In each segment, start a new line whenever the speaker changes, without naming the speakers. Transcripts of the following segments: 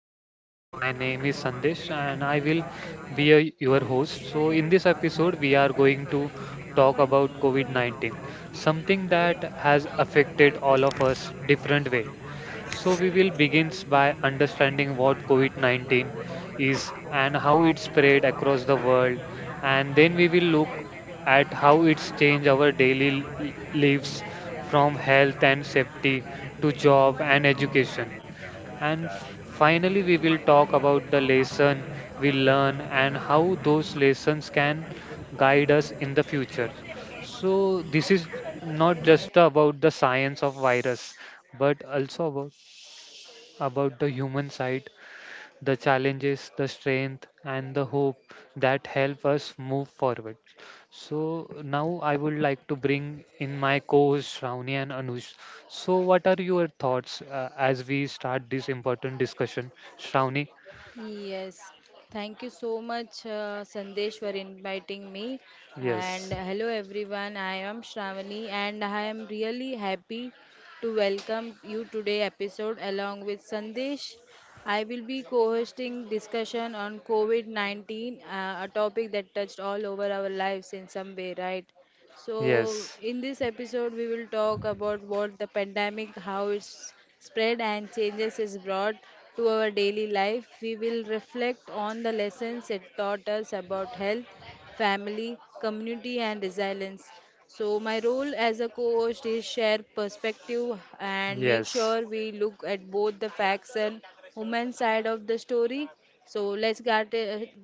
podcast. My name is Sandesh, and I will be your host. In this episode, we are going to talk about COVID 19, something that has affected all of us different way. We will begin by understanding what COVID 19 is and how it spread across the world. And then we will look at how it's changed our daily lives from health and safety to job and education. And finally, we will talk about the lesson we learn and how those lessons can guide us in the future. This is not just about the science of virus, but also about the human side, the challenges, the strength, and the hope that help us move forward. So now I would like to bring in my co-hosts Shravani and Anush. So what are your thoughts as we start this important discussion, Shravani?
Yes, thank you so much, Sandesh, for inviting me. And
Yes,
hello, everyone. I am Shravani, and I am really happy to welcome you today episode along with Sandesh. I will be co-hosting discussion on COVID-19, a topic that touched all over our lives in some way, right? So,
yes,
in this episode, we will talk about what the pandemic, how it's spread and changes is brought to our daily life. We will reflect on the lessons it taught us about health, family, community, and resilience. So, my role as a co host is share perspective and make
yes,
sure we look at both the facts and human side of the story. So,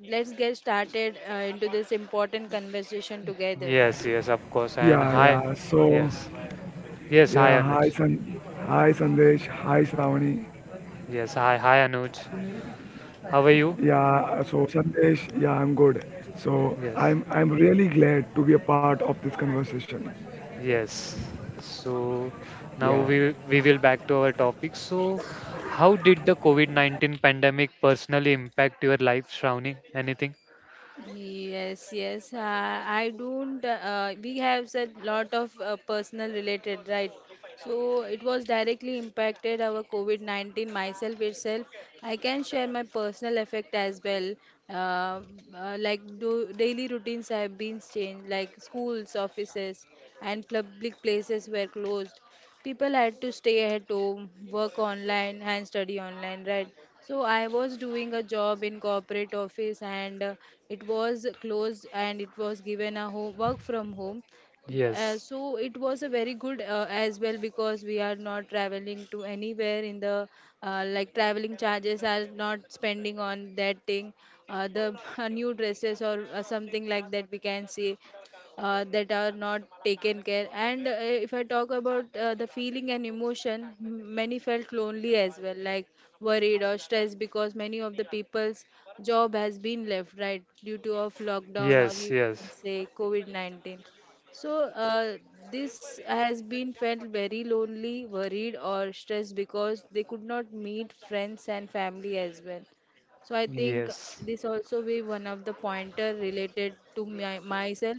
let's get started into this important conversation together.
yes, yes, of course. And
Yeah,
hi,
yeah. So,
yes, yes, hi
yeah,
Anuj.
hi hi Sandesh, hi Shravani.
Yes, hi, hi Anuj. How are you?
Yeah, so I'm good. So,
Yes.
I'm I'm really glad to be a part of this conversation.
Yes. So now
Yeah.
we we will back to our topic. So how did the COVID-19 pandemic personally impact your life, Shravani? Anything?
Yes, yes. I don't. We have said lot of personal related, right? So it was directly impacted our COVID 19 myself itself. I can share my personal effect as well. Uh, like daily routines have been changed, like schools, offices, and public places were closed, people had to stay at home, work online and study online, right? So I was doing a job in corporate office, and it was closed and it was given a home, work from home.
Yes.
So it was a very good as well, because we are not traveling to anywhere in the, like traveling charges are not spending on that thing. The new dresses or something like that we can see, that are not taken care. And if I talk about the feeling and emotion, many felt lonely as well, like worried or stressed, because many of the people's job has been left, right? Due to of lockdown, or
Yes,
you can
yes.
say covid-19. So uh, this has been felt very lonely, worried or stressed, because they could not meet friends and family as well. So I think
Yes.
this also be one of the pointer related to myself.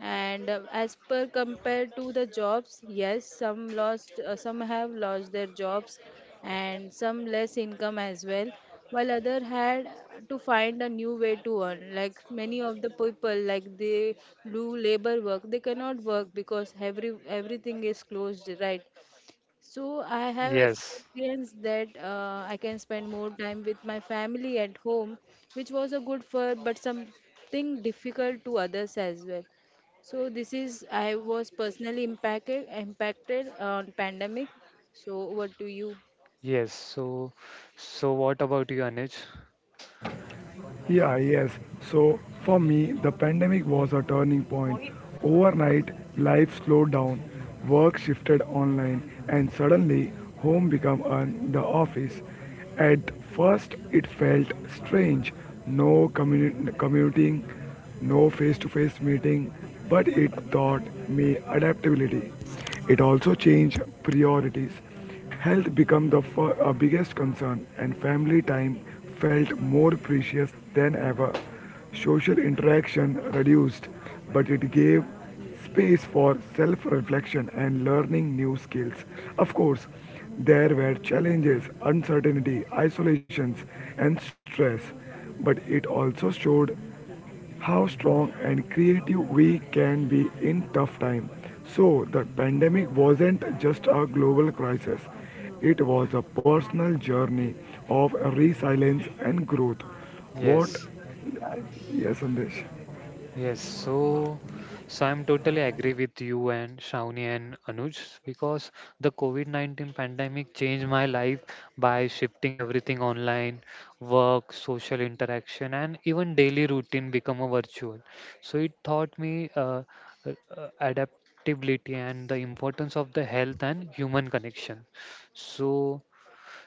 And as per compared to the jobs, yes, some lost, some have lost their jobs, and some less income as well, while other had to find a new way to earn. Like many of the people, like they do labor work, they cannot work because everything is closed, right? So I have
Yes.
experienced that I can spend more time with my family at home, which was a good for, but something difficult to others as well. So this is I was personally impacted on pandemic. So over to you.
Yes. So what about you, Anuj?
Yeah, yes. So for me, the pandemic was a turning point. Overnight, life slowed down, work shifted online, and suddenly home became the office. At first, it felt strange, no commuting, no face to face meeting, but it taught me adaptability. It also changed priorities. Health became the biggest concern, and family time felt more precious than ever. Social interaction reduced, but it gave space for self reflection and learning new skills. Of course, there were challenges, uncertainty, isolations, and stress, but it also showed how strong and creative we can be in tough times. So the pandemic wasn't just a global crisis. It was a personal journey of resilience and growth. What?
Yes.
Yes, Sandesh.
Yes, so I'm totally agree with you and Shawnee and Anuj because the COVID-19 pandemic changed my life by shifting everything online, work, social interaction, and even daily routine become a virtual. So it taught me adaptability and the importance of the health and human connection. So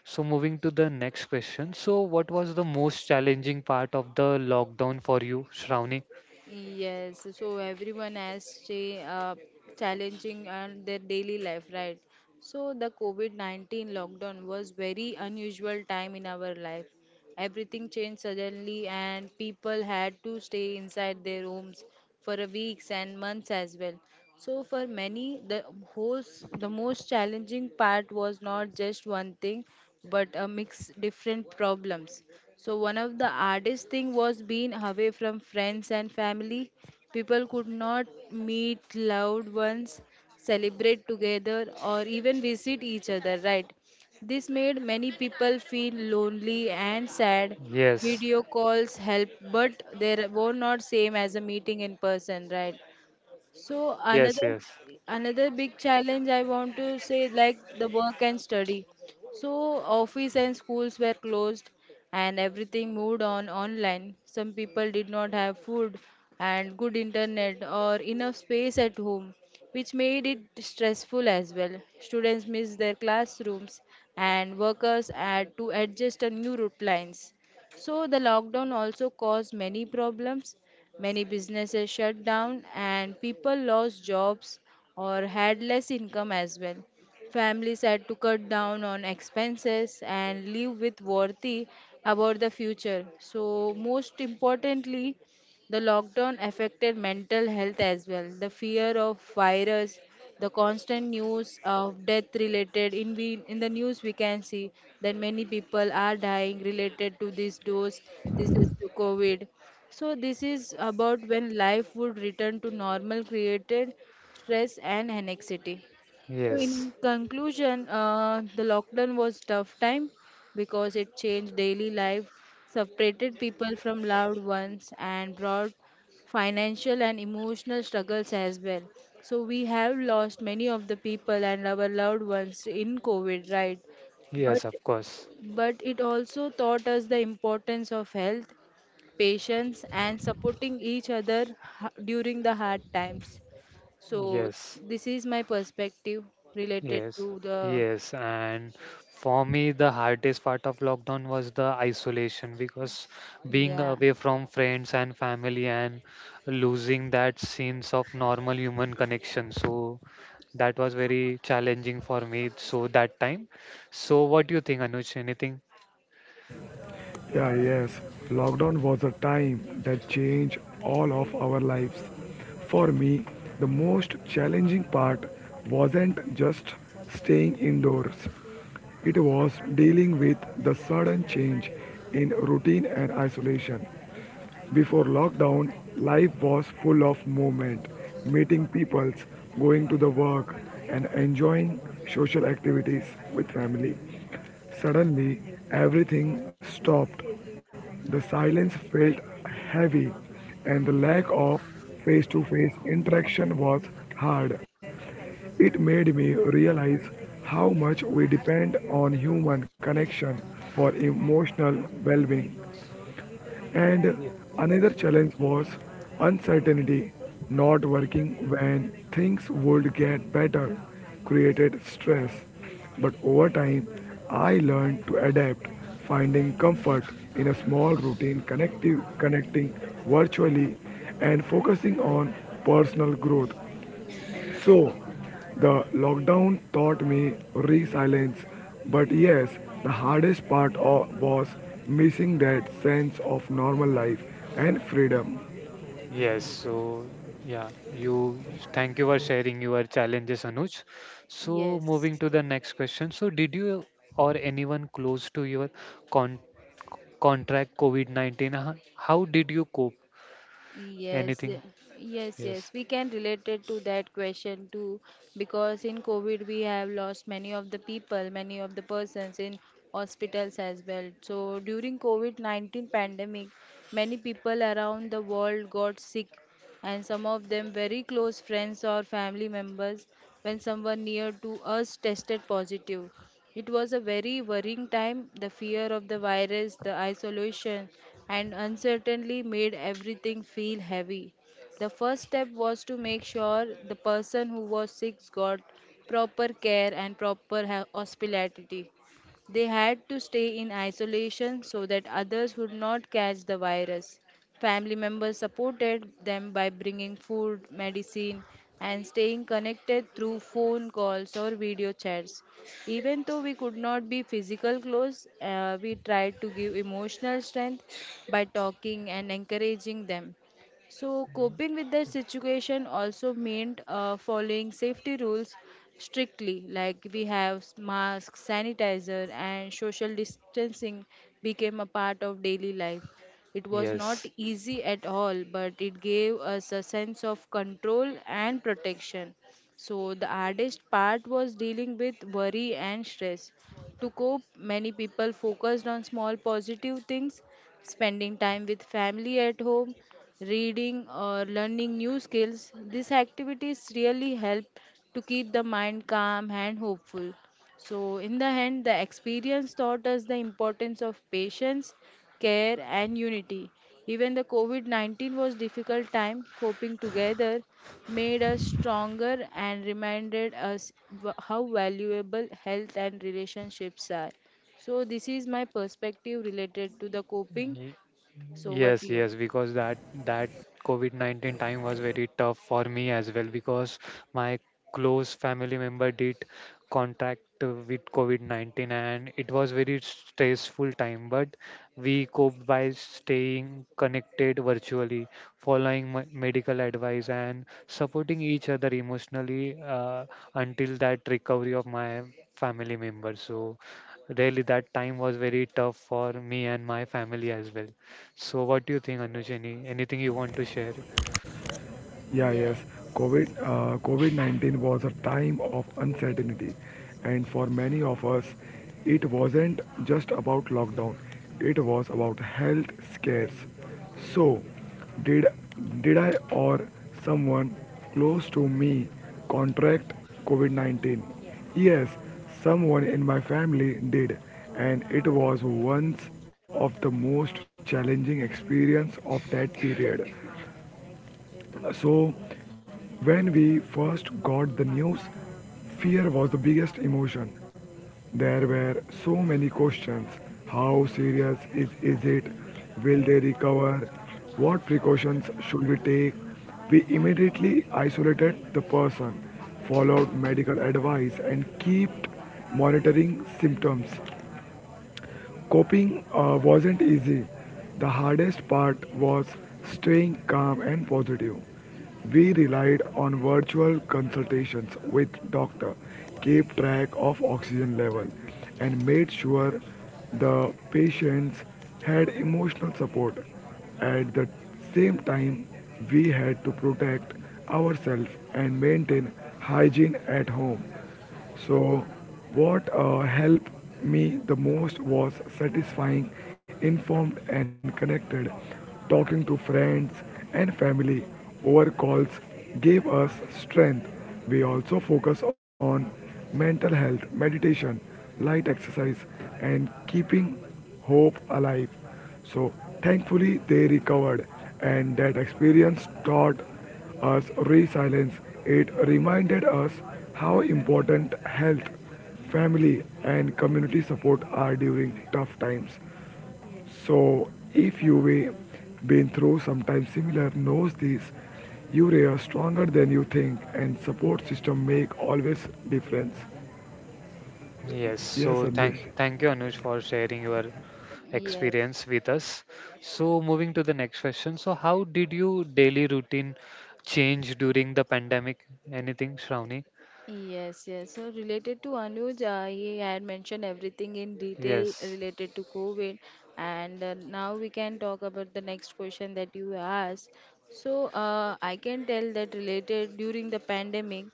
so moving to the next question. So what was the most challenging part of the lockdown for you, Shravani?
Yes, so everyone has challenging on their daily life, right? So the COVID-19 lockdown was very unusual time in our life. Everything changed suddenly, and people had to stay inside their homes for a weeks and months as well. So for many, the most challenging part was not just one thing, but a mix different problems. So one of the hardest thing was being away from friends and family. People could not meet loved ones, celebrate together, or even visit each other. Right? This made many people feel lonely and sad.
Yes,
Video calls help, but they were not same as a meeting in person, right? So
yes, yes,
another big challenge I want to say, like the work and study. So office and schools were closed, and everything moved on online. Some people did not have food and good internet or enough space at home, which made it stressful as well. Students missed their classrooms and workers had to adjust to new route lines. So the lockdown also caused many problems. Many businesses shut down and people lost jobs or had less income as well. Families had to cut down on expenses and live with worry about the future. So, most importantly, the lockdown affected mental health as well. The fear of virus, the constant news of death related in, we in the news we can see that many people are dying related to this dose. This is to COVID. So this is about when life would return to normal created stress and anxiety. So
yes,
in conclusion, the lockdown was tough time because it changed daily life, separated people from loved ones, and brought financial and emotional struggles as well. So we have lost many of the people and our loved ones in COVID, right? But
yes, of course.
but it also taught us the importance of health, patience, and supporting each other during the hard times. So
Yes,
this is my perspective related
yes,
to the
yes. And for me, the hardest part of lockdown was the isolation because being
yeah.
away from friends and family and losing that sense of normal human connection. So that was very challenging for me. So that time. So what do you think, Anuj? Anything?
Yeah, yes. Lockdown was a time that changed all of our lives. For me, the most challenging part wasn't just staying indoors, it was dealing with the sudden change in routine and isolation. Before lockdown, life was full of movement, meeting peoples, going to the work, and enjoying social activities with family. Suddenly, everything stopped. The silence felt heavy, and the lack of face to face interaction was hard. It made me realize how much we depend on human connection for emotional well being. And another challenge was uncertainty, not working when things would get better, created stress. But over time, I learned to adapt, finding comfort in a small routine, connecting virtually, and focusing on personal growth. So the lockdown taught me resilience, but yes, the hardest part was missing that sense of normal life and freedom.
Yes, so yeah, you thank you for sharing your challenges, Anuj. So
yes
moving to the next question. So did you or anyone close to your con contract COVID-19? How did you cope?
yes y-
Anything?
yes, yes,
Yes.
we can relate it to that question too, because in COVID we have lost many of the people, many of the persons in hospitals as well. So during COVID-19 pandemic, many people around the world got sick, and some of them very close friends or family members. When someone near to us tested positive, it was a very worrying time. The fear of the virus, the isolation, and uncertainty made everything feel heavy. The first step was to make sure the person who was sick got proper care and proper hospitality. They had to stay in isolation so that others would not catch the virus. Family members supported them by bringing food, medicine, and staying connected through phone calls or video chats. Even though we could not be physical close, we tried to give emotional strength by talking and encouraging them. So, coping with the situation also meant following safety rules strictly, like we have masks, sanitizer, and social distancing became a part of daily life. It was not
Yes.
easy at all, but it gave us a sense of control and protection. So, the hardest part was dealing with worry and stress. To cope, many people focused on small positive things, spending time with family at home, reading, or learning new skills. These activities really help to keep the mind calm and hopeful. So, in the end, the experience taught us the importance of patience, care, and unity. Even the COVID 19 was difficult time, coping together made us stronger and reminded us how valuable health and relationships are. So, this is my perspective related to the coping. So, what
Yes,
you?
yes, because that that COVID-19 time was very tough for me as well because my close family member did contract with COVID-19 and it was very stressful time, but we coped by staying connected virtually, following medical advice and supporting each other emotionally until that recovery of my family member. So really that time was very tough for me and my family as well. So what do you think, Anuj? Any anything you want to share?
Yeah, yes.
Yes,
COVID-19 was a time of uncertainty, and for many of us, it wasn't just about lockdown. It was about health scares. So, did did I or someone close to me contract COVID-19? Yes, someone in my family did, and it was once of the most challenging experience of that period. So, when we first got the news, fear was the biggest emotion. There were so many questions. How serious is it? Will they recover? What precautions should we take? We immediately isolated the person, followed medical advice, and kept monitoring symptoms. Coping wasn't easy. The hardest part was staying calm and positive. We relied on virtual consultations with doctor, kept track of oxygen level, and made sure the patients had emotional support. At the same time, we had to protect ourselves and maintain hygiene at home. So, what helped me the most was satisfying, informed, and connected. Talking to friends and family over calls gave us strength. We also focus on mental health, meditation, light exercise, and keeping hope alive. So thankfully they recovered and that experience taught us resilience. It reminded us how important health, family and community support are during tough times. So if you've been through sometimes similar knows this, you are stronger than you think and support system make always difference.
Yes. So
Yes,
thank
Sandesh.
thank you, Anuj, for sharing your
yes,
experience with us. So moving to the next question. So how did your daily routine change during the pandemic? Anything, Shravani?
yes. So related to Anuj, he had mentioned everything in detail
Yes.
related to COVID, and now we can talk about the next question that you asked. So I can tell that related during the pandemic,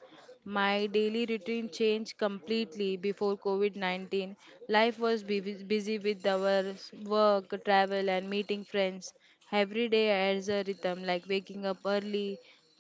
my daily routine changed completely before COVID 19. Life was busy with our work, travel, and meeting friends. Every day adds a rhythm like waking up early,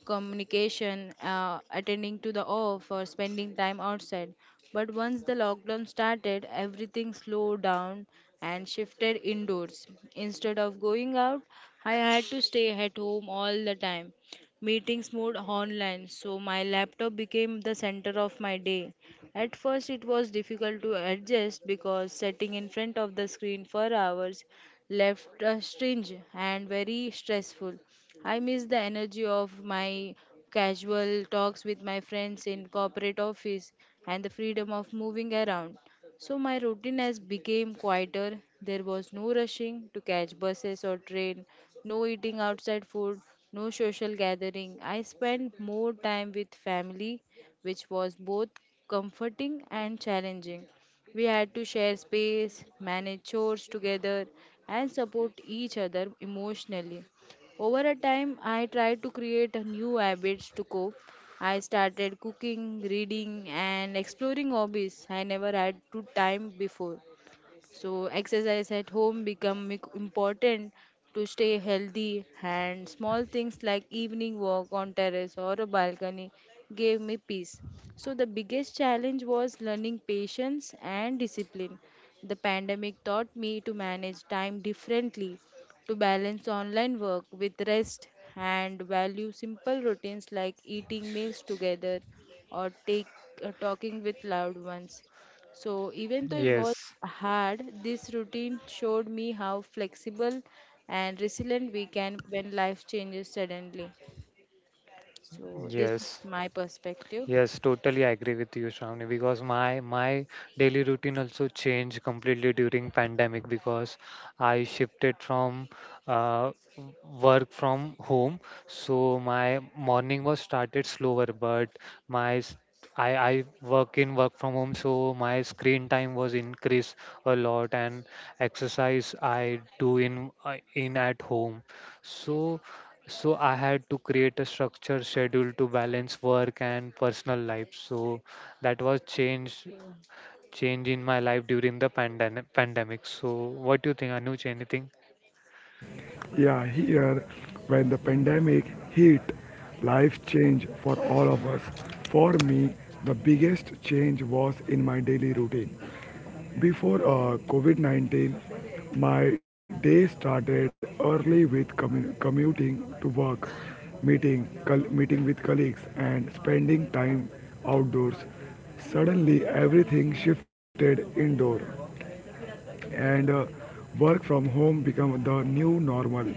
communication, attending to the off, or spending time outside. But once the lockdown started, everything slowed down and shifted indoors. Instead of going out, I had to stay at home all the time. Meetings moved online, so my laptop became the center of my day. At first, it was difficult to adjust because sitting in front of the screen for hours left a strange and very stressful. I miss the energy of my casual talks with my friends in corporate office and the freedom of moving around. So my routine has became quieter. There was no rushing to catch buses or train, no eating outside food, no social gathering. I spent more time with family, which was both comforting and challenging. We had to share space, manage chores together, and support each other emotionally. Over a time, I tried to create a new habits to cope. I started cooking, reading, and exploring hobbies I never had to time before. So exercise at home become important to stay healthy, and small things like evening walk on terrace or a balcony gave me peace. So the biggest challenge was learning patience and discipline. The pandemic taught me to manage time differently, to balance online work with rest and value simple routines like eating meals together or take talking with loved ones. So, even though it was
Yes.
hard, this routine showed me how flexible and resilient we can when life changes suddenly. So, this is
Yes.
my perspective.
Yes, totally agree with you, Shravani, because my daily routine also changed completely during pandemic because I shifted from uh, w- work from home. So my morning was started slower, but my s- I work in work from home, so my screen time was increased a lot, and exercise I do in at home. So so I had to create a structured schedule to balance work and personal life. So that was change in my life during the pandemic. So what do you think, Anuj? Anything?
Yeah, here, when the pandemic hit, life changed for all of us. For me, the biggest change was in my daily routine. Before COVID 19, my day started early with commuting to work, meeting with colleagues, and spending time outdoors. Suddenly, everything shifted indoor and work from home become the new normal.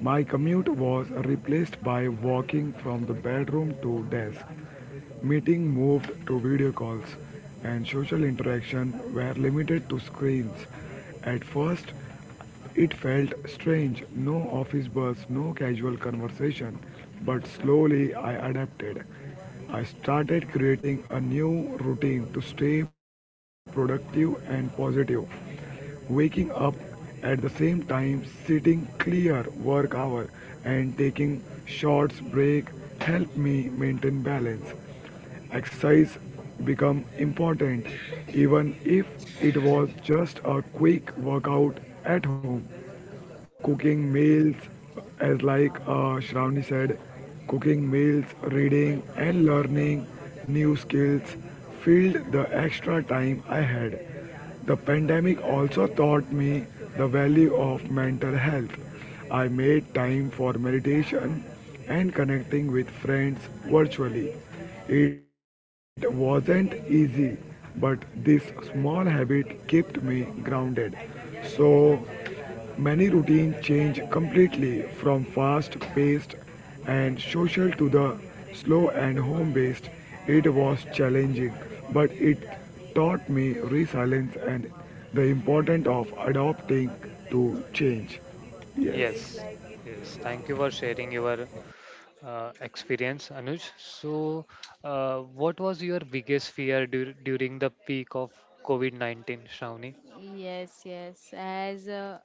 My commute was replaced by walking from the bedroom to desk. Meeting moved to video calls and social interaction were limited to screens. At first, it felt strange, no office buzz, no casual conversation, but slowly I adapted. I started creating a new routine to stay productive and positive. Waking up at the same time, sitting clear work hour, and taking short break helped me maintain balance. Exercise become important even if it was just a quick workout at home. Cooking meals, as Shravani said, cooking meals, reading and learning new skills filled the extra time I had. The pandemic also taught me the value of mental health. I made time for meditation and connecting with friends virtually. It wasn't easy, but this small habit kept me grounded. So many routines change completely from fast paced and social to the slow and home based, it was challenging, but it taught me resilience and the importance of adapting to change. Yes.
Yes, yes, thank you for sharing your experience, Anuj. So what was your biggest fear during the peak of COVID-19, Shravani?
Yes, yes. As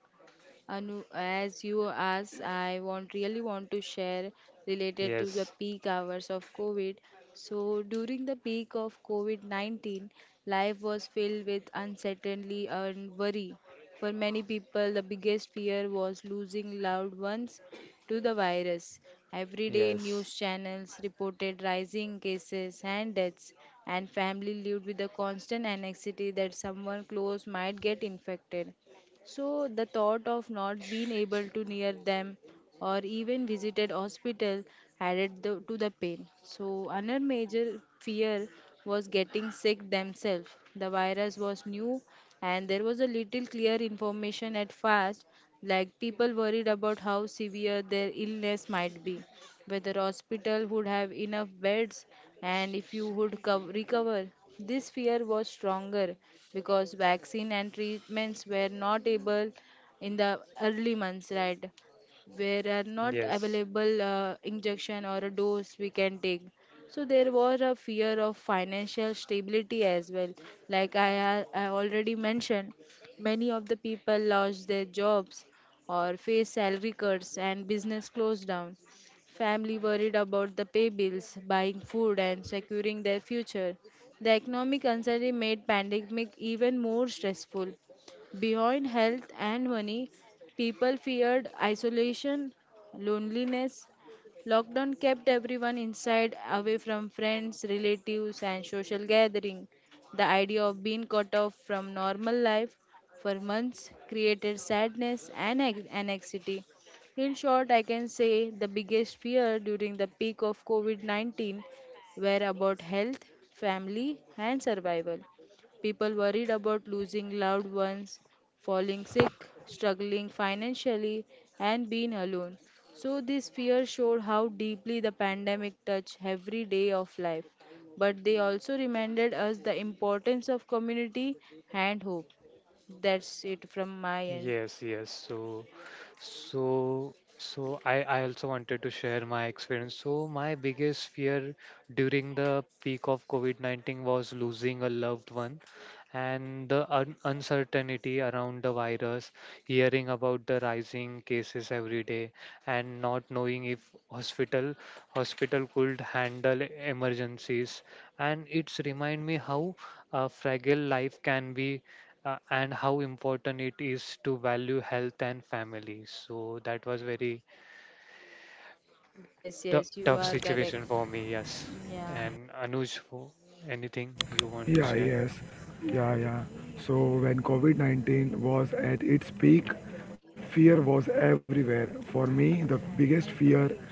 Anu, as you asked, I want really want to share related to the
Yes,
peak hours of COVID. So during the peak of COVID-19, life was filled with uncertainty and worry. For many people, the biggest fear was losing loved ones to the virus. Everyday
yes,
news channels reported rising cases and deaths, and family lived with the constant anxiety that someone close might get infected. So the thought of not being able to near them or even visited hospital added to the pain. So another major fear was getting sick themselves. The virus was new and there was a little clear information at first, like people worried about how severe their illness might be, whether hospital would have enough beds, and if you would recover. This fear was stronger because vaccine and treatments were not able in the early months, right? Where are not
yes.
available injection or a dose we can take. So there was a fear of financial stability as well. Like I already mentioned, many of the people lost their jobs or faced salary cuts and business closed down. Family worried about the pay bills, buying food, and securing their future. The economic uncertainty made pandemic even more stressful. Beyond health and money, people feared isolation, loneliness. Lockdown kept everyone inside, away from friends, relatives, and social gathering. The idea of being cut off from normal life for months created sadness and anxiety. In short, I can say the biggest fear during the peak of COVID 19 were about health, family, and survival. People worried about losing loved ones, falling sick, struggling financially, and being alone. So, this fear showed how deeply the pandemic touched every day of life. But they also reminded us the importance of community and hope. That's it from my end.
Yes, yes. So, I also wanted to share my experience. So, my biggest fear during the peak of COVID-19 was losing a loved one and the un uncertainty around the virus, hearing about the rising cases every day and not knowing if hospital hospital could handle emergencies. And it's remind me how fragile life can be and how important it is to value health and family. So that was very
Yes, yes, you
tough
are correct.
situation for me. Yes,
Yeah.
and Anuj, who- anything you want to
Yeah,
share?
yes. Yeah, yeah. So when COVID-19 was at its peak, fear was everywhere. For me, the biggest fear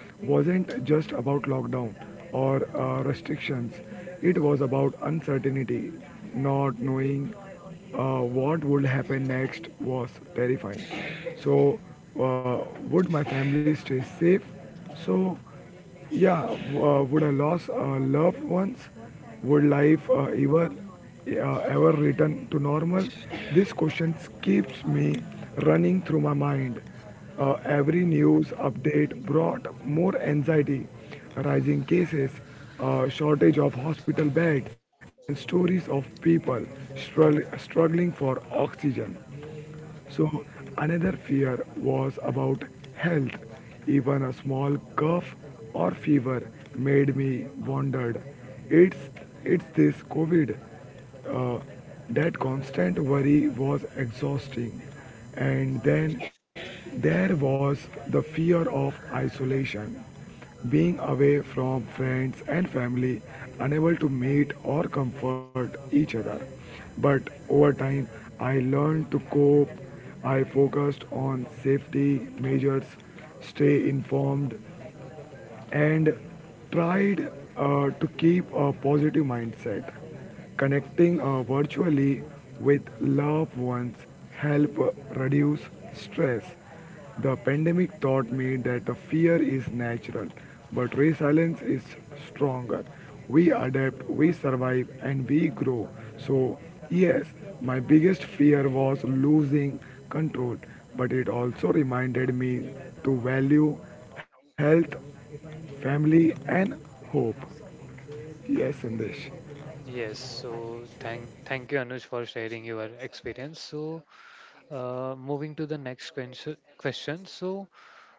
wasn't just about lockdown or restrictions. It was about uncertainty. Not knowing what would happen next was terrifying. So, uh, would my family stay safe? So, yeah, would I lost loved ones? Would life ever ever return to normal? These questions keeps me running through my mind. Every news update brought more anxiety, rising cases, shortage of hospital beds, and stories of people struggling for oxygen. So another fear was about health. Even a small cough or fever made me wondered. It's it's this COVID. Uh, that constant worry was exhausting. And then there was the fear of isolation. Being away from friends and family, unable to meet or comfort each other. But over time, I learned to cope. I focused on safety measures, stay informed, and tried to keep a positive mindset. Connecting virtually with loved ones help reduce stress. The pandemic taught me that the fear is natural, but resilience is stronger. We adapt, we survive, and we grow. So, yes, my biggest fear was losing control, but it also reminded me to value health family and hope. Yes, Sandesh.
Yes. So thank you, Anuj, for sharing your experience. So moving to the next question. Question. So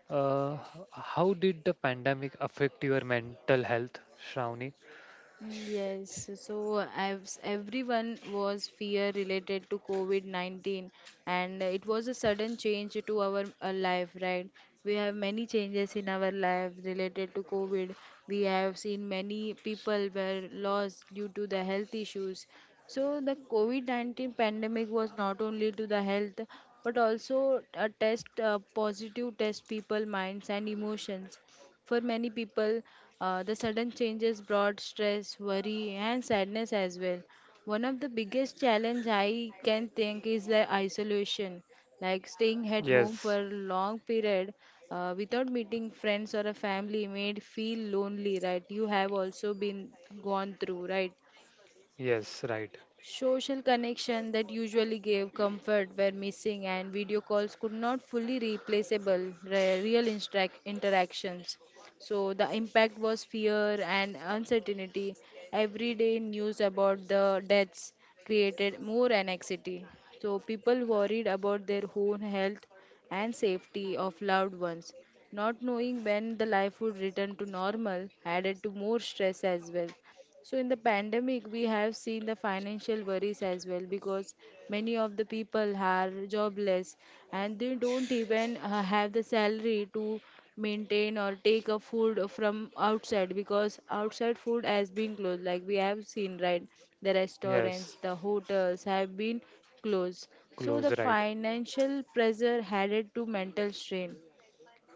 uh, how did the pandemic affect your mental health, Shravani?
Yes, so as everyone was fear related to COVID-19, and it was a sudden change to our life, right? We have many changes in our life related to COVID. We have seen many people were lost due to the health issues. So the COVID-19 pandemic was not only to the health but also a test positive test people minds and emotions. For many people, the sudden changes brought stress, worry, and sadness as well. One of the biggest challenge I can think is the isolation, like staying at home for
Yes.
a long period without meeting friends or a family made feel lonely, right? You have also been gone through, right?
Yes. Right.
Social connection that usually gave comfort were missing, and video calls could not fully replaceable real interactions. So the impact was fear and uncertainty. Everyday news about the deaths created more anxiety. So people worried about their own health and safety of loved ones. Not knowing when the life would return to normal added to more stress as well. So in the pandemic, we have seen the financial worries as well, because many of the people are jobless and they don't even have the salary to maintain or take a food from outside because outside food has been closed. Like we have seen, right? The restaurants,
Yes.
the hotels have been closed. So the
Close. Right.
financial pressure added to mental strain.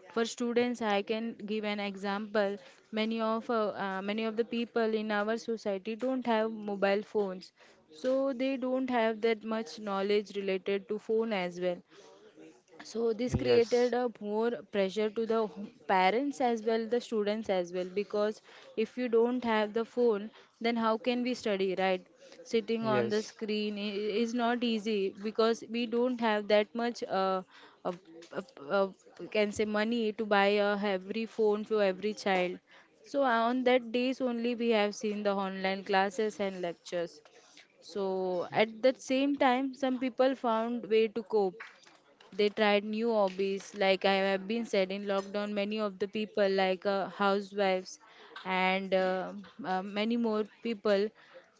For students, I can give an example. Many of the people in our society don't have mobile phones, so they don't have that much knowledge related to phone as well. So this created
Yes.
a more pressure to the parents as well the students as well, because if you don't have the phone, then how can we study, right? Sitting on the
Yes.
screen is not easy, because we don't have that much uh, uh, uh, can say money to buy a every phone to every child. So on that days only we have seen the online classes and lectures. So at that same time some people found way to cope. They tried new hobbies, like I have been said in lockdown many of the people like housewives and many more people,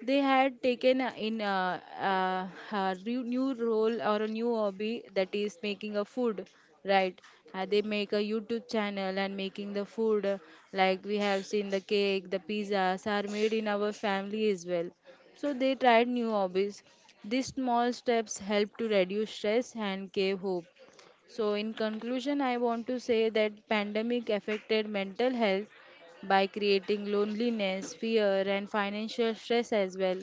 they had taken in a re- new role or a new hobby, that is making a food, right? They make a YouTube channel and making the food like we have seen the cake, the pizzas are made in our family as well. So they tried new hobbies. These small steps help to reduce stress and gave hope. So in conclusion, I want to say that pandemic affected mental health by creating loneliness, fear and financial stress as well.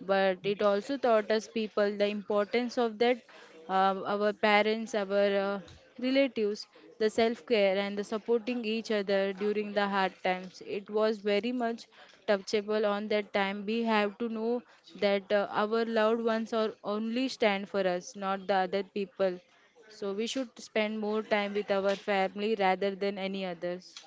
But it also taught us people the importance of that our parents, our relatives, the self-care and the supporting each other during the hard times. It was very much touchable on that time. We have to know that our loved ones are only stand for us, not the other people. So we should spend more time with our family rather than any others.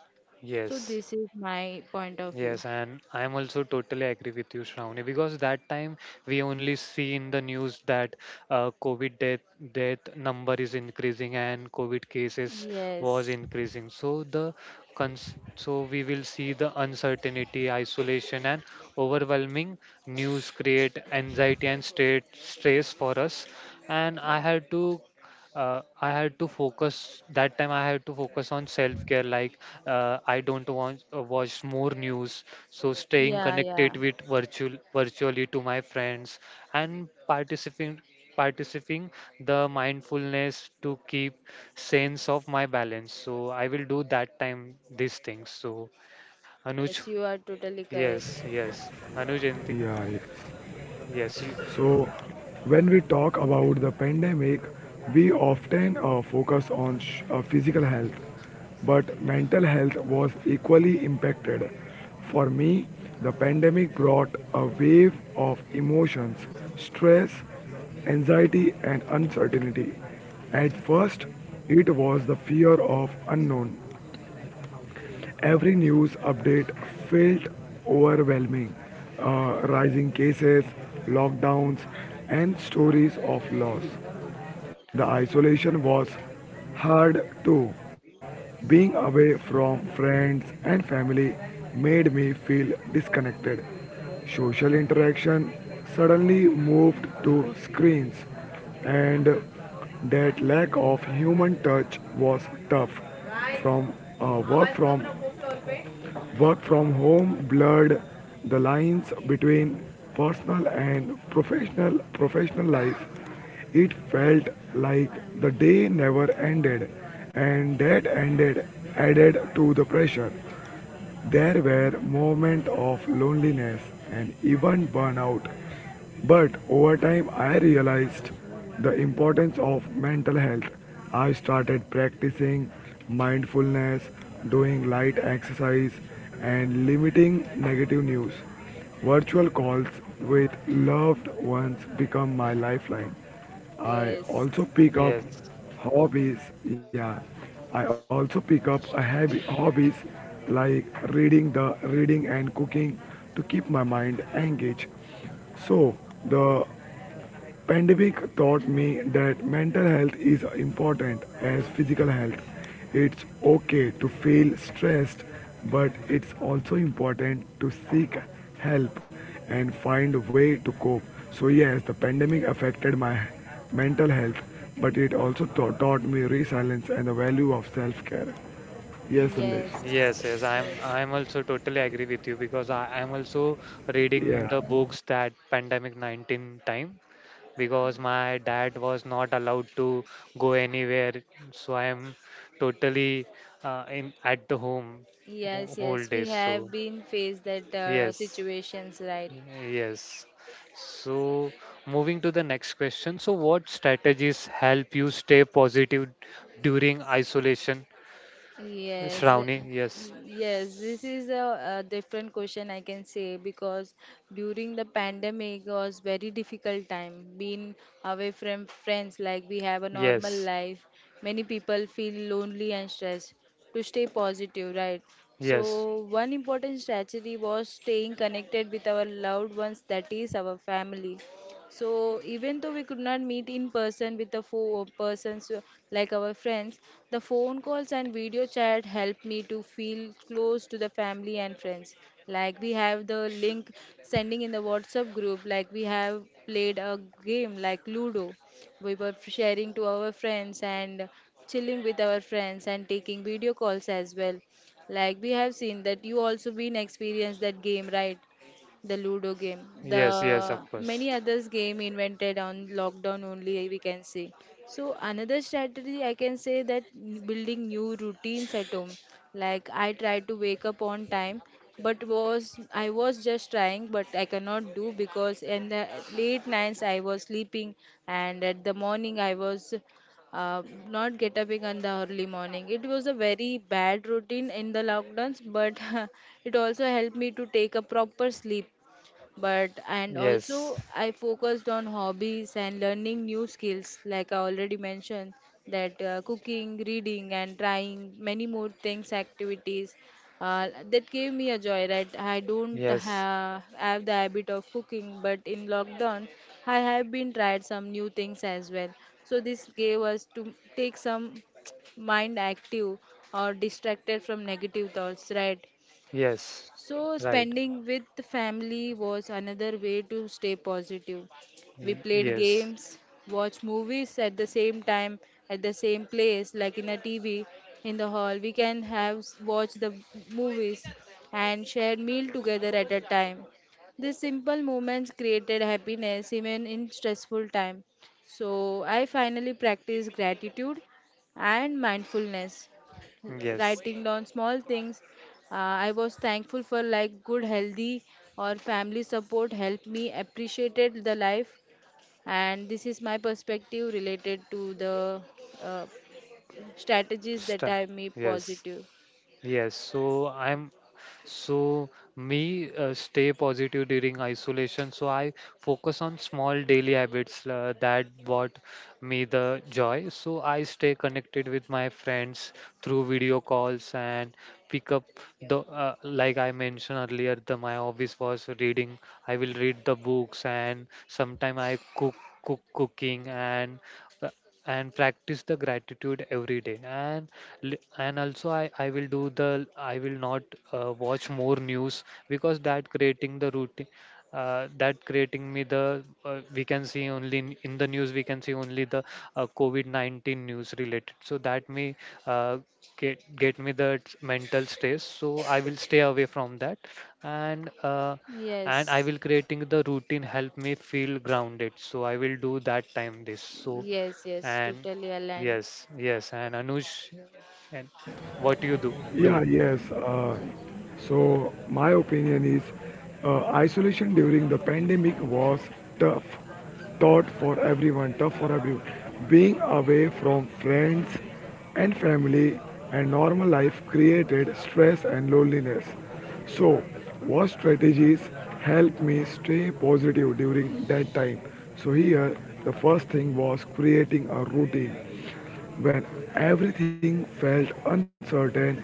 So
Yes,
this is my point of view.
yes, and I'm also totally agree with you, Shravani, because that time we only see in the news that COVID death number is increasing and COVID cases was
Yes.
increasing. So the cons so we will see the uncertainty, isolation, and overwhelming news create anxiety and state stress for us. And I had to focus that time, I had to focus on self care like I don't want watch more news, so staying
Yeah, yeah.
connected with virtually to my friends and participating the mindfulness to keep sense of my balance. So I will do that time these things so, Anuj.
Yes, you are totally correct.
Yes, yes, Anuj, anything?
Yeah, yes.
Yes, you,
So, when we talk about the pandemic, we often focus on physical health, but mental health was equally impacted. For me, the pandemic brought a wave of emotions, stress, anxiety, and uncertainty. At first, it was the fear of unknown. Every news update felt overwhelming. Rising cases, lockdowns, and stories of loss. The isolation was hard too. Being away from friends and family made me feel disconnected. Social interaction suddenly moved to screens, and that lack of human touch was tough from uh, work from work from home blurred the lines between personal and professional life. It felt like the day never ended, and that ended added to the pressure. There were moments of loneliness and even burnout, but over time I realized the importance of mental health. I started practicing mindfulness, doing light exercise, and limiting negative news. Virtual calls with loved ones become my lifeline. I
Yes.
also pick up
yes.
Hobbies, yeah. I also pick up a hab- hobbies like reading and cooking to keep my mind engaged. So the Pandemic taught me that mental health is important as physical health. It's okay to feel stressed, but it's also important to seek help and find a way to cope. So yes, the pandemic affected my mental health, but it also taught me resilience and the value of self-care. Yes, Sandesh.
Yes.
Yes, yes, I'm
Yes.
I'm also totally agree with you because I'm also reading
Yeah.
the books that pandemic 19 time because my dad was not allowed to go anywhere, so I am totally in at the home
Yes,
whole
yes. We
days. So
have been faced that
yes,
situations, right?
yes. So moving to the next question. So what strategies help you stay positive during isolation,
Yes, th-
Shravani? Yes,
yes, this is a different question I can say, because during the pandemic was very difficult time being away from friends, like we have a normal
yes,
life. Many people feel lonely and stressed to stay positive, right?
yes.
So one important strategy was staying connected with our loved ones, that is our family. So even though we could not meet in person with the four persons like our friends, the phone calls and video chat helped me to feel close to the family and friends. Like we have the link sending in the WhatsApp group, like we have played a game like Ludo. We were sharing to our friends and chilling with our friends and taking video calls as well. Like we have seen that you also been experienced that game, right? The ludo game,
Yes, yes, of
the
course.
many others game invented on lockdown only we can say. So another strategy I can say that building new routines at home, like I try to wake up on time, but was I was just trying but I cannot do, because in the late nights I was sleeping and at the morning I was uh, not get up in the early morning. It was a very bad routine in the lockdowns, but it also helped me to take a proper sleep. But and also
Yes,
I focused on hobbies and learning new skills, like I already mentioned that cooking, reading and trying many more things activities that gave me a joy, right? I don't
yes,
have the habit of cooking, but in lockdown I have been tried some new things as well. So this gave us to take some mind active or distracted from negative thoughts, right?
yes,
So,
right.
spending with the family was another way to stay positive. We
Y-
played
yes,
games, watched movies at the same time, at the same place, like in a TV in the hall. We can have watch the movies and share meal together at a time. These simple moments created happiness even in stressful time. So I finally practiced gratitude and mindfulness,
yes,
writing down small things. Uh, I was thankful for like good healthy or family support helped me appreciated the life. And this is my perspective related to the uh, strategies that
Sta,
I made
yes.
positive.
Yes, so I'm so me stay positive during isolation. So I focus on small daily habits that brought me the joy. So I stay connected with my friends through video calls and pick up the like I mentioned earlier. The my hobbies was reading. I will read the books and sometime I cooking uh, and practice the gratitude every day and and also I will do the I will not watch more news because that creating the routine that creating me the we can see only in the news we can see only the covid-19 news related so that may uh, get me the mental stress. So I will stay away from that and uh, and I
Yes,
will creating the routine help me feel grounded. So I will do that time this so.
yes, yes,
And
totally aligned.
yes, yes, and Anush, and what you do do.
Yeah, yes. Uh, so, my opinion is isolation during the pandemic was tough, tough for everyone. Being away from friends and family and normal life created stress and loneliness. So, what strategies helped me stay positive during that time? So, here the first thing was creating a routine. When everything felt uncertain,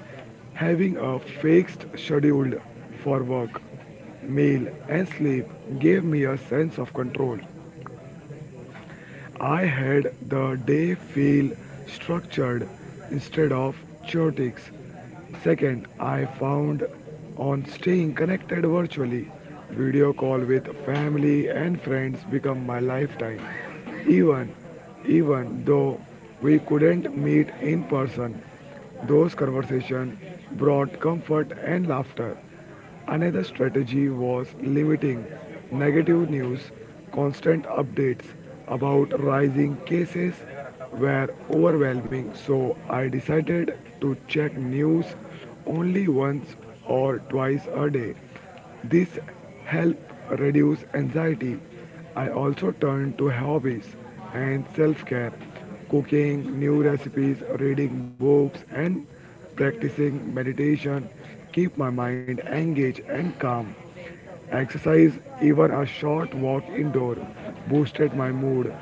having a fixed schedule for work, meal, and sleep gave me a sense of control. I had the day feel structured instead of chaotic. Second, I found on staying connected virtually. Video call with family and friends become my lifetime. Even even though we couldn't meet in person, those conversations brought comfort and laughter. Another strategy was limiting negative news, constant updates about rising cases were overwhelming, so I decided to check news only once or twice a day. This helped reduce anxiety. I also turned to hobbies and self-care, cooking new recipes, reading books and practicing meditation keep my mind engaged and calm. Exercise, even a short walk indoor, boosted my mood.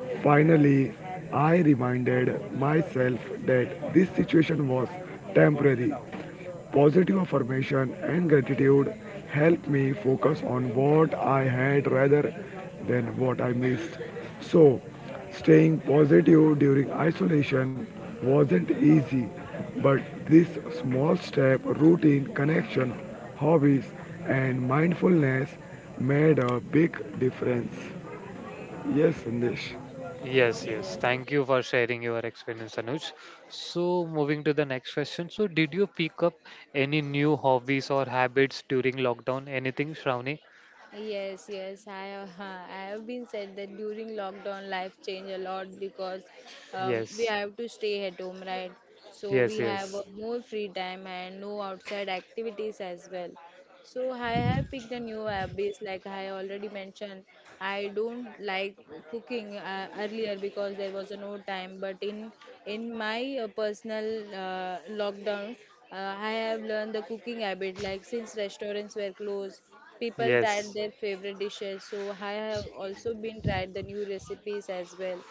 Finally, I reminded myself that this situation was temporary. Positive affirmation and gratitude helped me focus on what I had rather than what I missed. So, staying positive during isolation wasn't easy, but this small step, routine, connection, hobbies, and mindfulness made a big difference. Yes, Sandesh.
Yes, yes.
Yes.
Thank you for sharing your experience, Anuj. So, moving to the next question. So, did you pick up any new hobbies or habits during lockdown? Anything, Shravani?
Yes, yes, I have, I have been said that during lockdown life change a lot because we
Yes,
have to stay at home, right? So
yes,
we have
yes,
more free time and no outside activities as well. So I have picked a new habits, like I already mentioned. I don't like cooking earlier because there was no time. But in my personal lockdown, I have learned the cooking habit. Like since restaurants were closed, people tried
yes,
their favorite dishes. So I have also been tried the new recipes as well.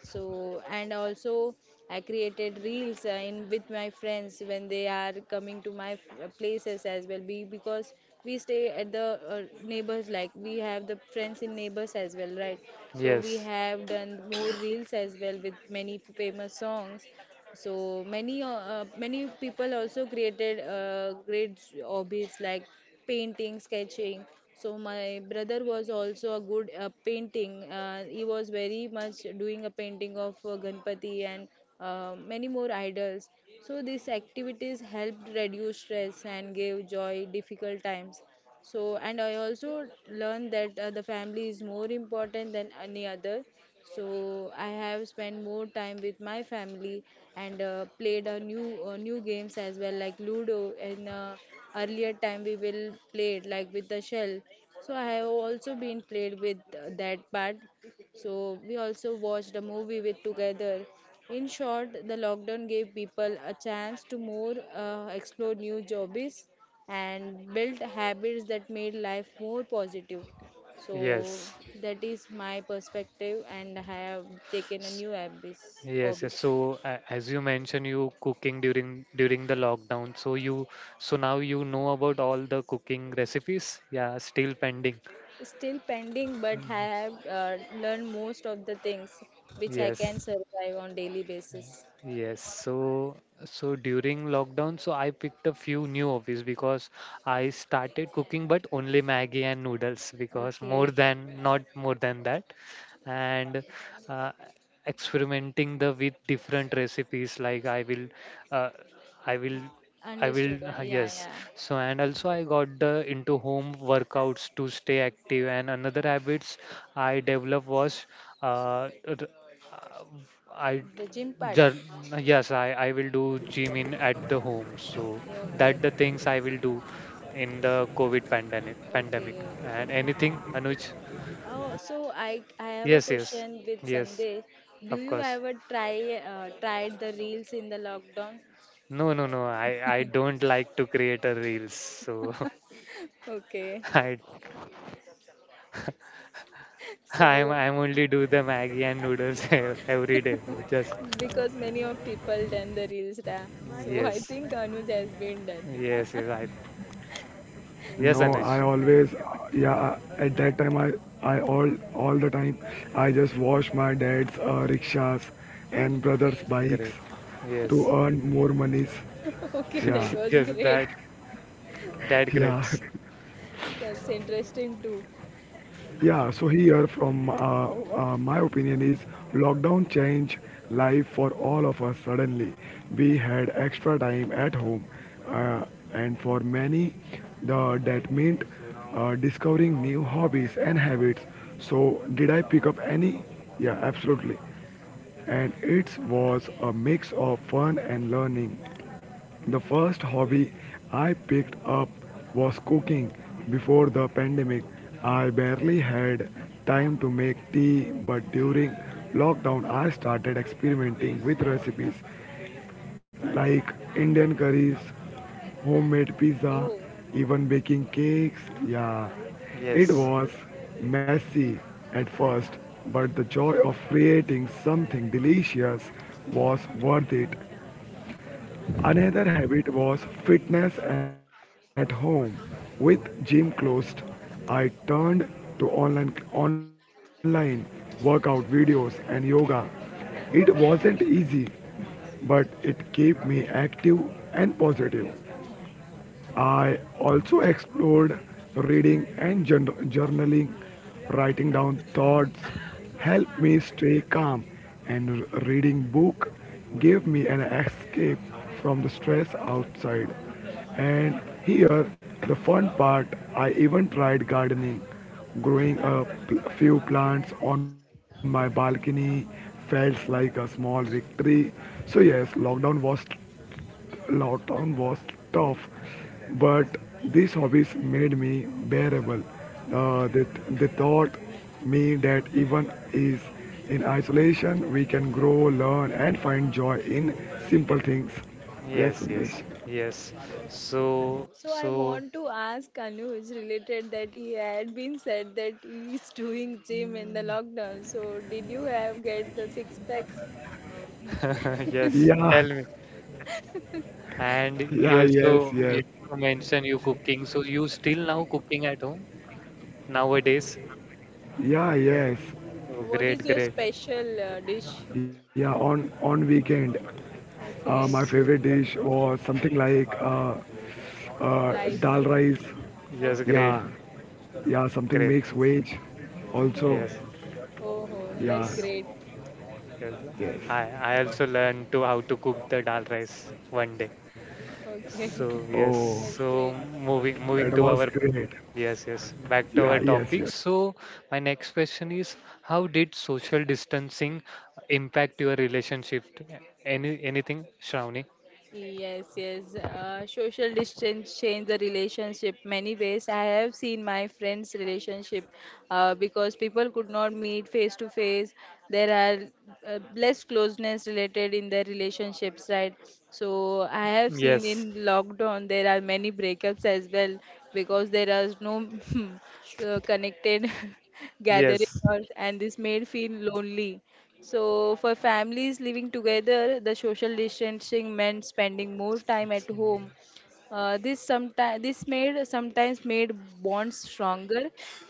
So and also I created reels in with my friends when they are coming to my places as well be, because we stay at the neighbors, like we have the friends in neighbors as well, right? So we
yes,
have done more reels as well with many famous songs. So many people also created great hobbies like painting, sketching. So my brother was also a good painting, he was very much doing a painting of ganpati and many more idols. So these activities helped reduce stress and gave joy difficult times. So and I also learned that the family is more important than any other. So I have spent more time with my family and played a new games as well, like Ludo. And Earlier time we will play it like with the shell. So I have also been played with that part. So we also watched a movie with together. In short, the lockdown gave people a chance to more explore new hobbies and build habits that made life more positive. So
yes.
that is my perspective, and I have taken a new hobbies.
Yes,
Hobby.
yes. So as you mentioned, you cooking during the lockdown. So you, so now you know about all the cooking recipes. Yeah, still pending.
Still pending, but I have learned most of the things which I can
Yes.
survive on daily basis.
Yes, so during lockdown, so I picked a few new hobbies because I started cooking, but only Maggie and noodles because more
Okay,
than not more than that, and uh, experimenting the with different recipes like I will, uh, I will, I will.
understood. Yeah,
Yes.
yeah.
So and also I got the into home workouts to stay active, and another habits I developed was uh, r- I
The gym part.
Jar- yes, I will do gym in at the home. So
Okay,
that the things I will do in the COVID pandemic
okay,
pandemic.
okay.
And anything, Anuj?
Oh, so I have a
Yes, yes.
question with
Yes,
Sandesh. Do
of
you
course.
ever try tried the reels in the lockdown?
No, no, no. I don't like to create a reels. So
Okay,
I I'm
so
I'm only do the Maggie and noodles every day. Just
because many of people done the reels ra. So I
yes.
think Anuj has been done.
Yes, yes. I,
No,
yes,
I
So
Anuj.
always, yeah, at that time, I all the time, I just wash my dad's rickshaws and brother's
okay,
bikes
Great.
to
Yes.
earn more monies.
okay,
Yeah,
that was
Yes,
great.
that that
yeah.
grapes.
That's interesting too.
Yeah, so here from my opinion is lockdown changed life for all of us suddenly. We had extra time at home uh, and for many the that meant discovering new hobbies and habits. So did I pick up any? Yeah, absolutely, and it was a mix of fun and learning. The first hobby I picked up was cooking. Before the pandemic, I barely had time to make tea, but during lockdown, I started experimenting with recipes like Indian curries, homemade pizza,
Oh,
even baking cakes. Yeah, it
Yes.
was messy at first, but the joy of creating something delicious was worth it. Another habit was fitness at home. With gym closed, I turned to online workout videos and yoga. It wasn't easy, but it kept me active and positive. I also explored reading and journaling. Writing down thoughts helped me stay calm, and reading book gave me an escape from the stress outside. And here, the fun part, I even tried gardening. Growing a few
okay.
plants on my balcony felt like a small victory. So yes, Lockdown was tough, but these hobbies made me bearable. They they, taught me that even is in isolation, we can grow, learn, and find joy in simple things. Yes,
Yes, yes,
Sandesh.
yes. So,
So I
so,
want to ask Anuj related that he had been said that he is doing gym in the
mm.
lockdown. So did you have get the six packs?
Yes,
Yeah,
tell me. And
yeah, yes,
you
yes,
also mentioned you cooking. So you still now cooking at home nowadays?
yeah,
Yeah.
yes,
Oh,
What
great,
is your
great.
special dish?
yeah. On weekend,
Okay,
my
So,
favorite dish was something like
rice.
dal rice.
yes,
Okay.
great,
Yeah, Yeah,
great. Mm.
something makes wage.
Oh,
Yes,
Also,
oh, oh, that's
yes,
great.
yeah,
yes. I,
yes.
I also learned to how to cook the dal rice one day.
Okay,
So yes,
Oh,
that's
so
great.
moving moving to
that
our,
was great.
yes, yes, back to our
Yeah,
topic.
yes, yes.
So my next question is, how did social distancing impact your relationship? Any anything, Shravani?
Yes, yes. Social distance change the relationship many ways. I have seen my friends' relationship because people could not meet face to face. There are less closeness related in their relationships, right? So I have seen
Yes,
in lockdown there are many breakups as well because there is no connected gathering,
yes,
or- and this made feel lonely. So, for families living together, the social distancing meant spending more time at home. This sometimes this made sometimes made bonds stronger,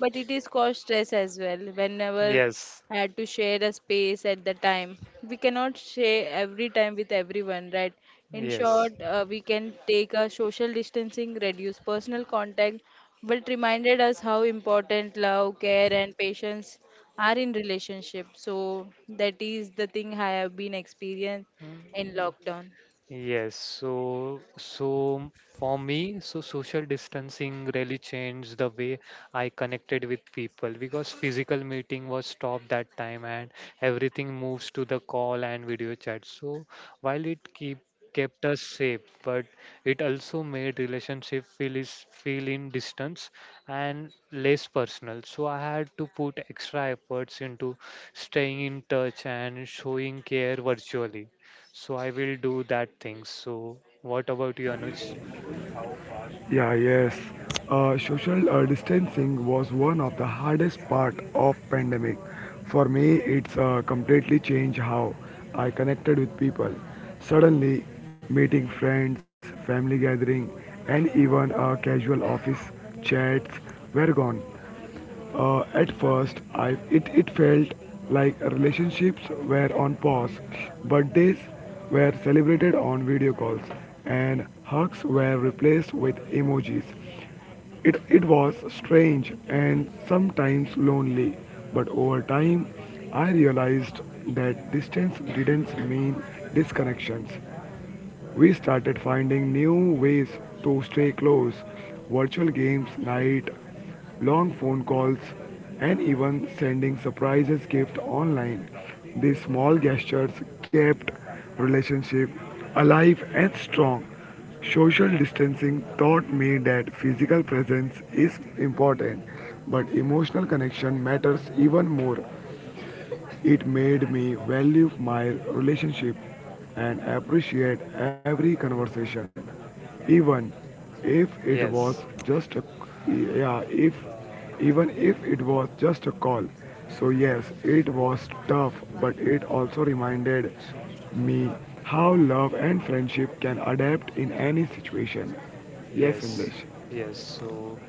but it is caused stress as well. Whenever
yes,
had to share a space at the time. We cannot share every time with everyone, right? In
yes.
short, we can take a social distancing, reduce personal contact, but reminded us how important love, care, and patience are in relationship. So that is the thing I have been experienced in lockdown.
Yes, so for me, so social distancing really changed the way I connected with people because physical meeting was stopped that time and everything moves to the call and video chat. So while it keep kept us safe, but it also made relationship feel in distance and less personal. So I had to put extra efforts into staying in touch and showing care virtually. So I will do that thing. So what about you, Anuj?
Yeah, yes. Social distancing was one of the hardest part of pandemic. For me, it's completely changed how I connected with people. Suddenly, meeting friends, family gathering, and even casual office chats were gone. At first, it felt like relationships were on pause, birthdays were celebrated on video calls, and hugs were replaced with emojis. It was strange and sometimes lonely, but over time, I realized that distance didn't mean disconnections. We started finding new ways to stay close, virtual games night, long phone calls, and even sending surprises gift online. These small gestures kept relationship alive and strong. Social distancing taught me that physical presence is important, but emotional connection matters even more. It made me value my relationship and appreciate every conversation, even if it was
Yes,
just a yeah, if even if it was just a call. So yes, it was tough, but it also reminded me how love and friendship can adapt in any situation. Yes,
yes,
Sandesh.
yes. So,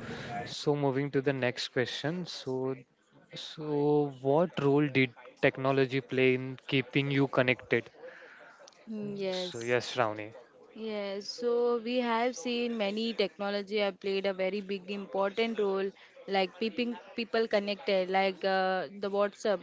so moving to the next question. So, what role did technology play in keeping you connected?
Mm,
So
yes.
yes, Shravani.
Yes, so we have seen many technology have played a very big important role, like keeping people connected, like the WhatsApp,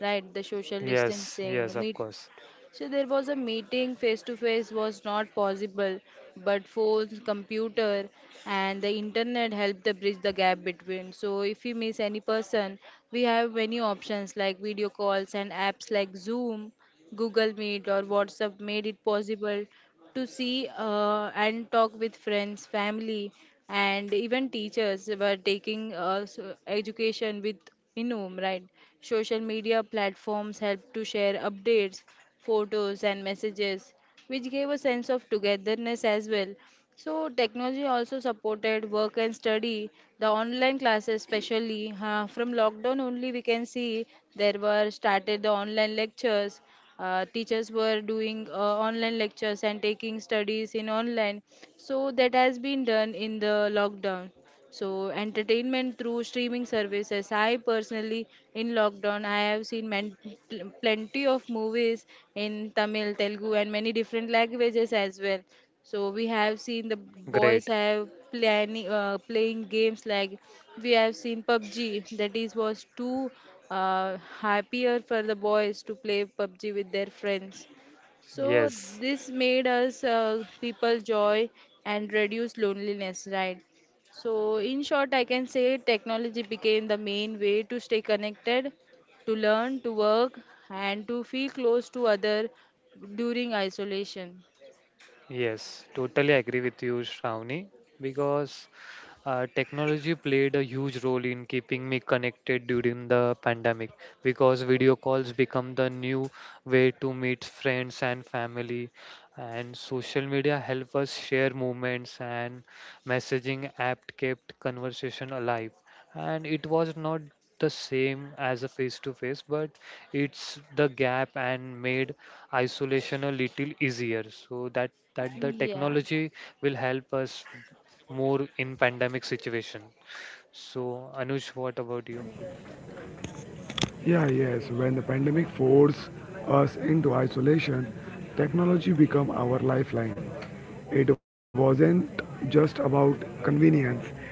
right? The social
Yes, yes,
distancing,
of
meet.
course.
So there was a meeting face to face was not possible, but phones, computer, and the internet helped the bridge the gap between. So if we miss any person, we have many options like video calls and apps like Zoom, Google Meet, or WhatsApp made it possible to see and talk with friends, family, and even teachers were taking education with in home, right? Social media platforms help to share updates, photos, and messages, which gave a sense of togetherness as well. So, technology also supported work and study, the online classes, especially from lockdown only, we can see there were started the online lectures. Teachers were doing online lectures and taking studies in online. So, that has been done in the lockdown. So, entertainment through streaming services. I personally, in lockdown, I have seen plenty of movies in Tamil, Telugu, and many different languages as well. So, we have seen the boys
Great.
have planning playing games like we have seen PUBG. That is was too happier for the boys to play PUBG with their friends. So
Yes.
this made us people joy and reduce loneliness, right? So, in short, I can say technology became the main way to stay connected, to learn, to work, and to feel close to other during isolation.
Yes, totally agree with you, Shravani, because technology played a huge role in keeping me connected during the pandemic because video calls become the new way to meet friends and family, and social media help us share moments and messaging app kept conversation alive. And it was not the same as a face to face, but it's the gap and made isolation a little easier. So that that the
Yeah.
technology will help us more in pandemic situation so, Anuj, what about you?
Yeah, yes. When the pandemic forced us into isolation, technology became our lifeline. It wasn't just about convenience,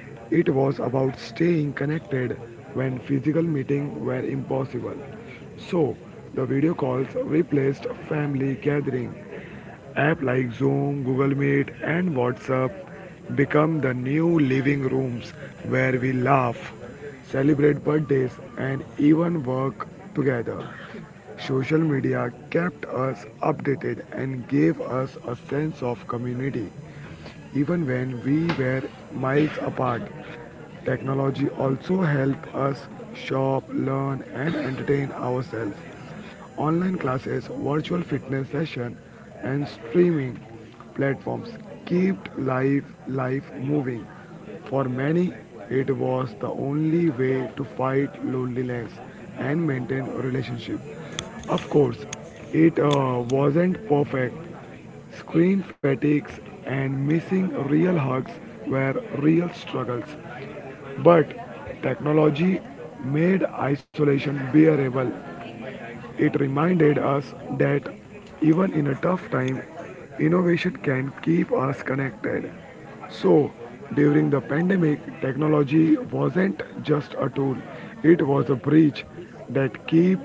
it was about staying connected when physical meetings were impossible. So, the video calls replaced family gathering. Apps like Zoom, Google Meet, and WhatsApp become the new living rooms where we laugh, celebrate birthdays, and even work together. Social media kept us updated and gave us a sense of community even when we were miles apart. Technology also helped us shop, learn, and entertain ourselves. Online classes, virtual fitness sessions, and streaming platforms kept life moving. For many, it was the only way to fight loneliness and maintain a relationship. Of course, it wasn't perfect. Screen fatigues and missing real hugs were real struggles, but technology made isolation bearable. It reminded us that even in a tough time, innovation can keep us connected. So, during the pandemic, technology wasn't just a tool, it was a bridge that keep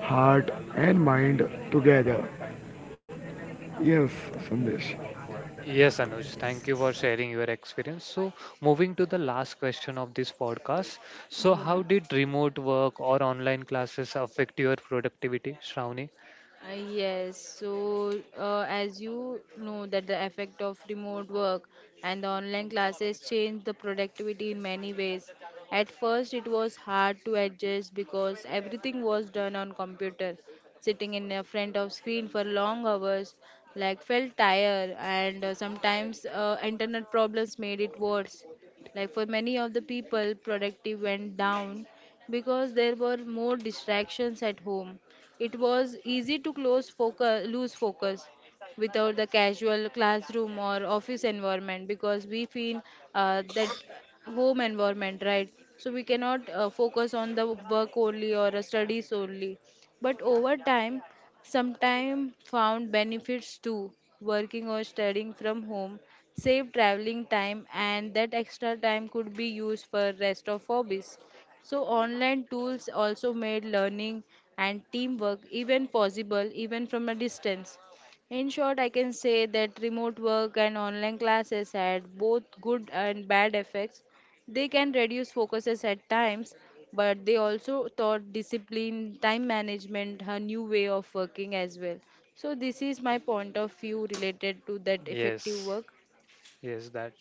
heart and mind together. Yes, Sandesh.
Yes, Anuj, thank you for
Yes.
sharing your experience. So, moving to the last question of this podcast. So, how
Yeah.
did remote work or online classes affect your productivity, Shravani?
Yes, so as you know that the effect of remote work and the online classes changed the productivity in many ways. At first, it was hard to adjust because everything was done on computer. Sitting in a front of screen for long hours, like felt tired, and sometimes internet problems made it worse. Like for many of the people, productivity went down because there were more distractions at home. It was easy to lose focus without the casual classroom or office environment because we feel that home environment, right? So we cannot focus on the work only or studies only. But over time, sometimes found benefits too. Working or studying from home saved traveling time and that extra time could be used for rest of hobbies. So online tools also made learning and teamwork even possible even from a distance. In short, I can say that remote work and online classes had both good and bad effects, they can reduce focuses at times, but they also taught discipline, time management, a new way of working as well. So, this is my point of view related to that effective
Yes,
work.
yes, that.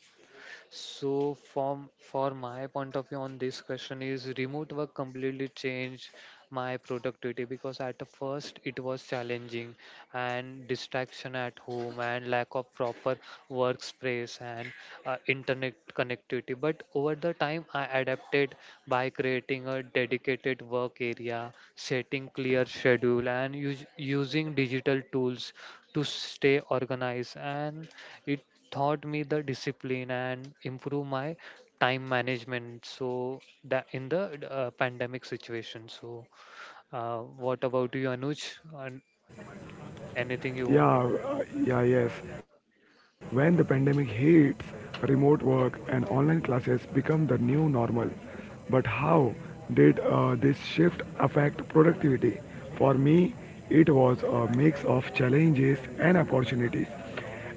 So from for my point of view on this question is remote work completely changed my productivity because at the first it was challenging and distraction at home and lack of proper workspace and internet connectivity. But over the time I adapted by creating a dedicated work area, setting clear schedule and using digital tools to stay organized, and it taught me the discipline and improve my time management so that in the pandemic situation. So uh, what about you, Anuj? An- Anything you want?
Yeah, yeah, yes. When the pandemic hits, remote work and online classes become the new normal. But how did this shift affect productivity? For me, it was a mix of challenges and opportunities.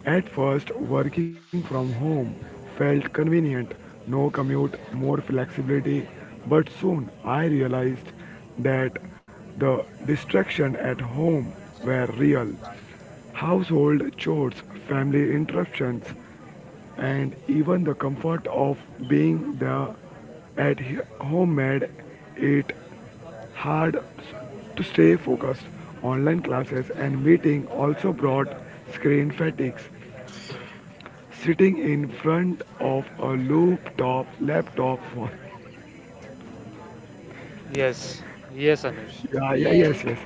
At first, working from home felt convenient, no commute, more flexibility, but soon I realized that the distraction at home were real. Household chores, family interruptions, and even the comfort of being the at home made it hard to stay focused. Online classes and meeting also brought screen fatigues. Sitting in front of a laptop for
Yes, yes, Anuj,
Yeah, yeah, yes,
Yes,
yes.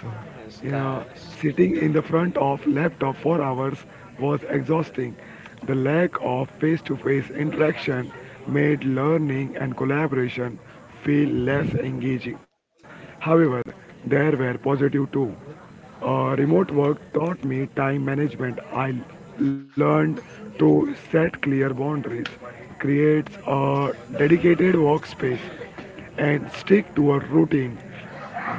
So,
yes,
you know,
that's.
sitting in the front of laptop for hours was exhausting. The lack of face-to-face interaction made learning and collaboration feel less engaging. However, there were positive too. Remote work taught me time management. I learned to set clear boundaries, create a dedicated workspace, and stick to a routine.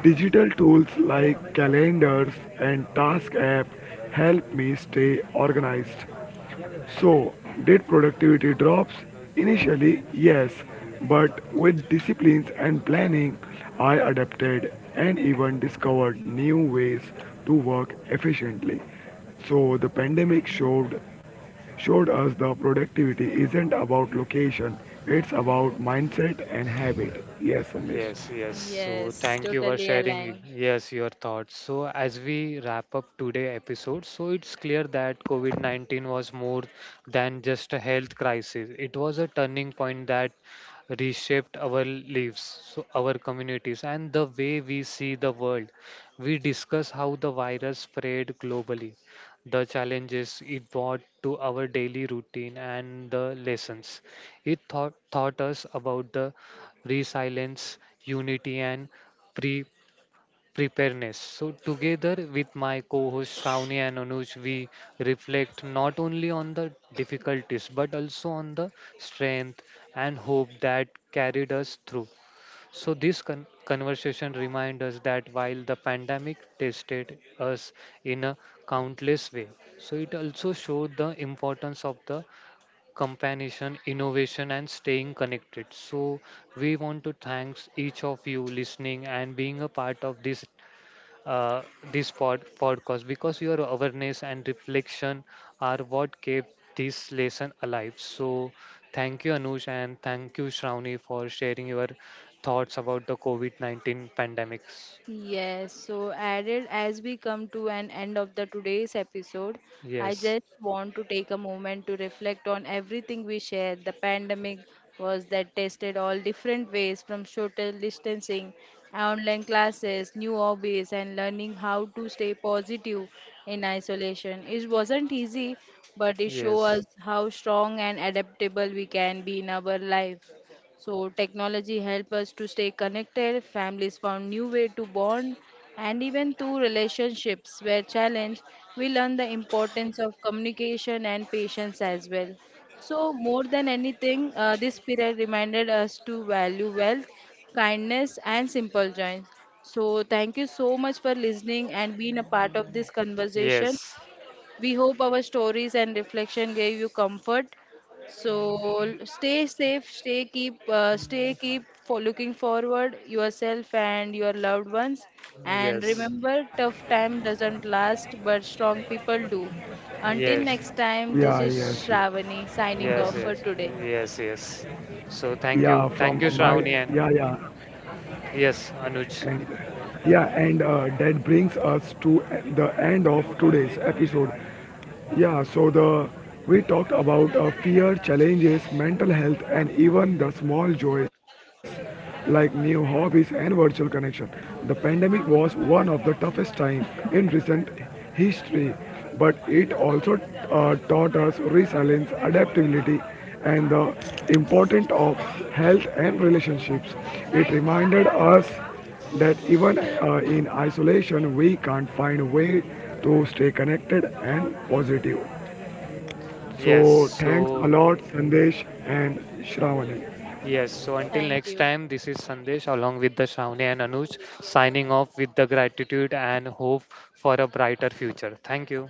Digital tools like calendars and task app help me stay organized. So, did productivity drops? Initially, yes, but with disciplines and planning, I adapted and even discovered new ways to work efficiently. So, the pandemic showed us the productivity isn't about location, it's about mindset and habit. Yes, Anish.
Yes, yes. So
yes,
thank you for
totally
sharing,
aligned.
yes, your thoughts. So as we wrap up today episode, so it's clear that COVID-19 was more than just a health crisis. It was a turning point that reshaped our lives, so our communities, and the way we see the world. We discuss how the virus spread globally, the challenges it brought to our daily routine, and the lessons it taught us about the resilience, unity, and pre- preparedness. So, together with my co host Shravani and Anuj, we reflect not only on the difficulties but also on the strength and hope that carried us through. So, this conversation reminds us that while the pandemic tested us in a countless way, so it also showed the importance of the companionship, innovation, and staying connected. So, we want to thanks each of you listening and being a part of this uh, this podcast because your awareness and reflection are what kept this lesson alive. So, thank you, Anush, and thank you, Shravani, for sharing your thoughts about the COVID 19 pandemics.
Yes, so added as we come to an end of the today's episode, I
Yes,
just want to take a moment to reflect on everything we shared. The pandemic was that tested all different ways from social distancing, online classes, new hobbies, and learning how to stay positive in isolation. It wasn't easy, but it showed
yes,
us how strong and adaptable we can be in our life. So technology help us to stay connected. Families found new way to bond, and even through relationships were challenged, we learn the importance of communication and patience as well. So more than anything, this period reminded us to value wealth, kindness, and simple joys. So thank you so much for listening and being a part of this conversation.
yes,
We hope our stories and reflection gave you comfort. So stay safe, stay keep for looking forward yourself and your loved ones. And
yes,
remember, tough time doesn't last, but strong people do. Until
yes.
next time, this
Yeah,
is
yes, yes.
Shravani signing
Yes,
off for
yes,
today.
yes, yes. So thank
Yeah,
you,
from
thank you,
my
Shravani, and
yeah, yeah,
yes, Anuj.
and Yeah, and that brings us to the end of today's episode. Yeah, so the we talked about fear, challenges, mental health, and even the small joys like new hobbies and virtual connection. The pandemic was one of the toughest time in recent history, but it also taught us resilience, adaptability, and the importance of health and relationships. It reminded us that even in isolation we can't find a way to stay connected and positive.
Yes,
So thanks a
so
lot Sandesh and Shravani.
yes, so until
Thank
next
you.
time, this is Sandesh along with the Shravani and Anuj signing off with the gratitude and hope for a brighter future. Thank you.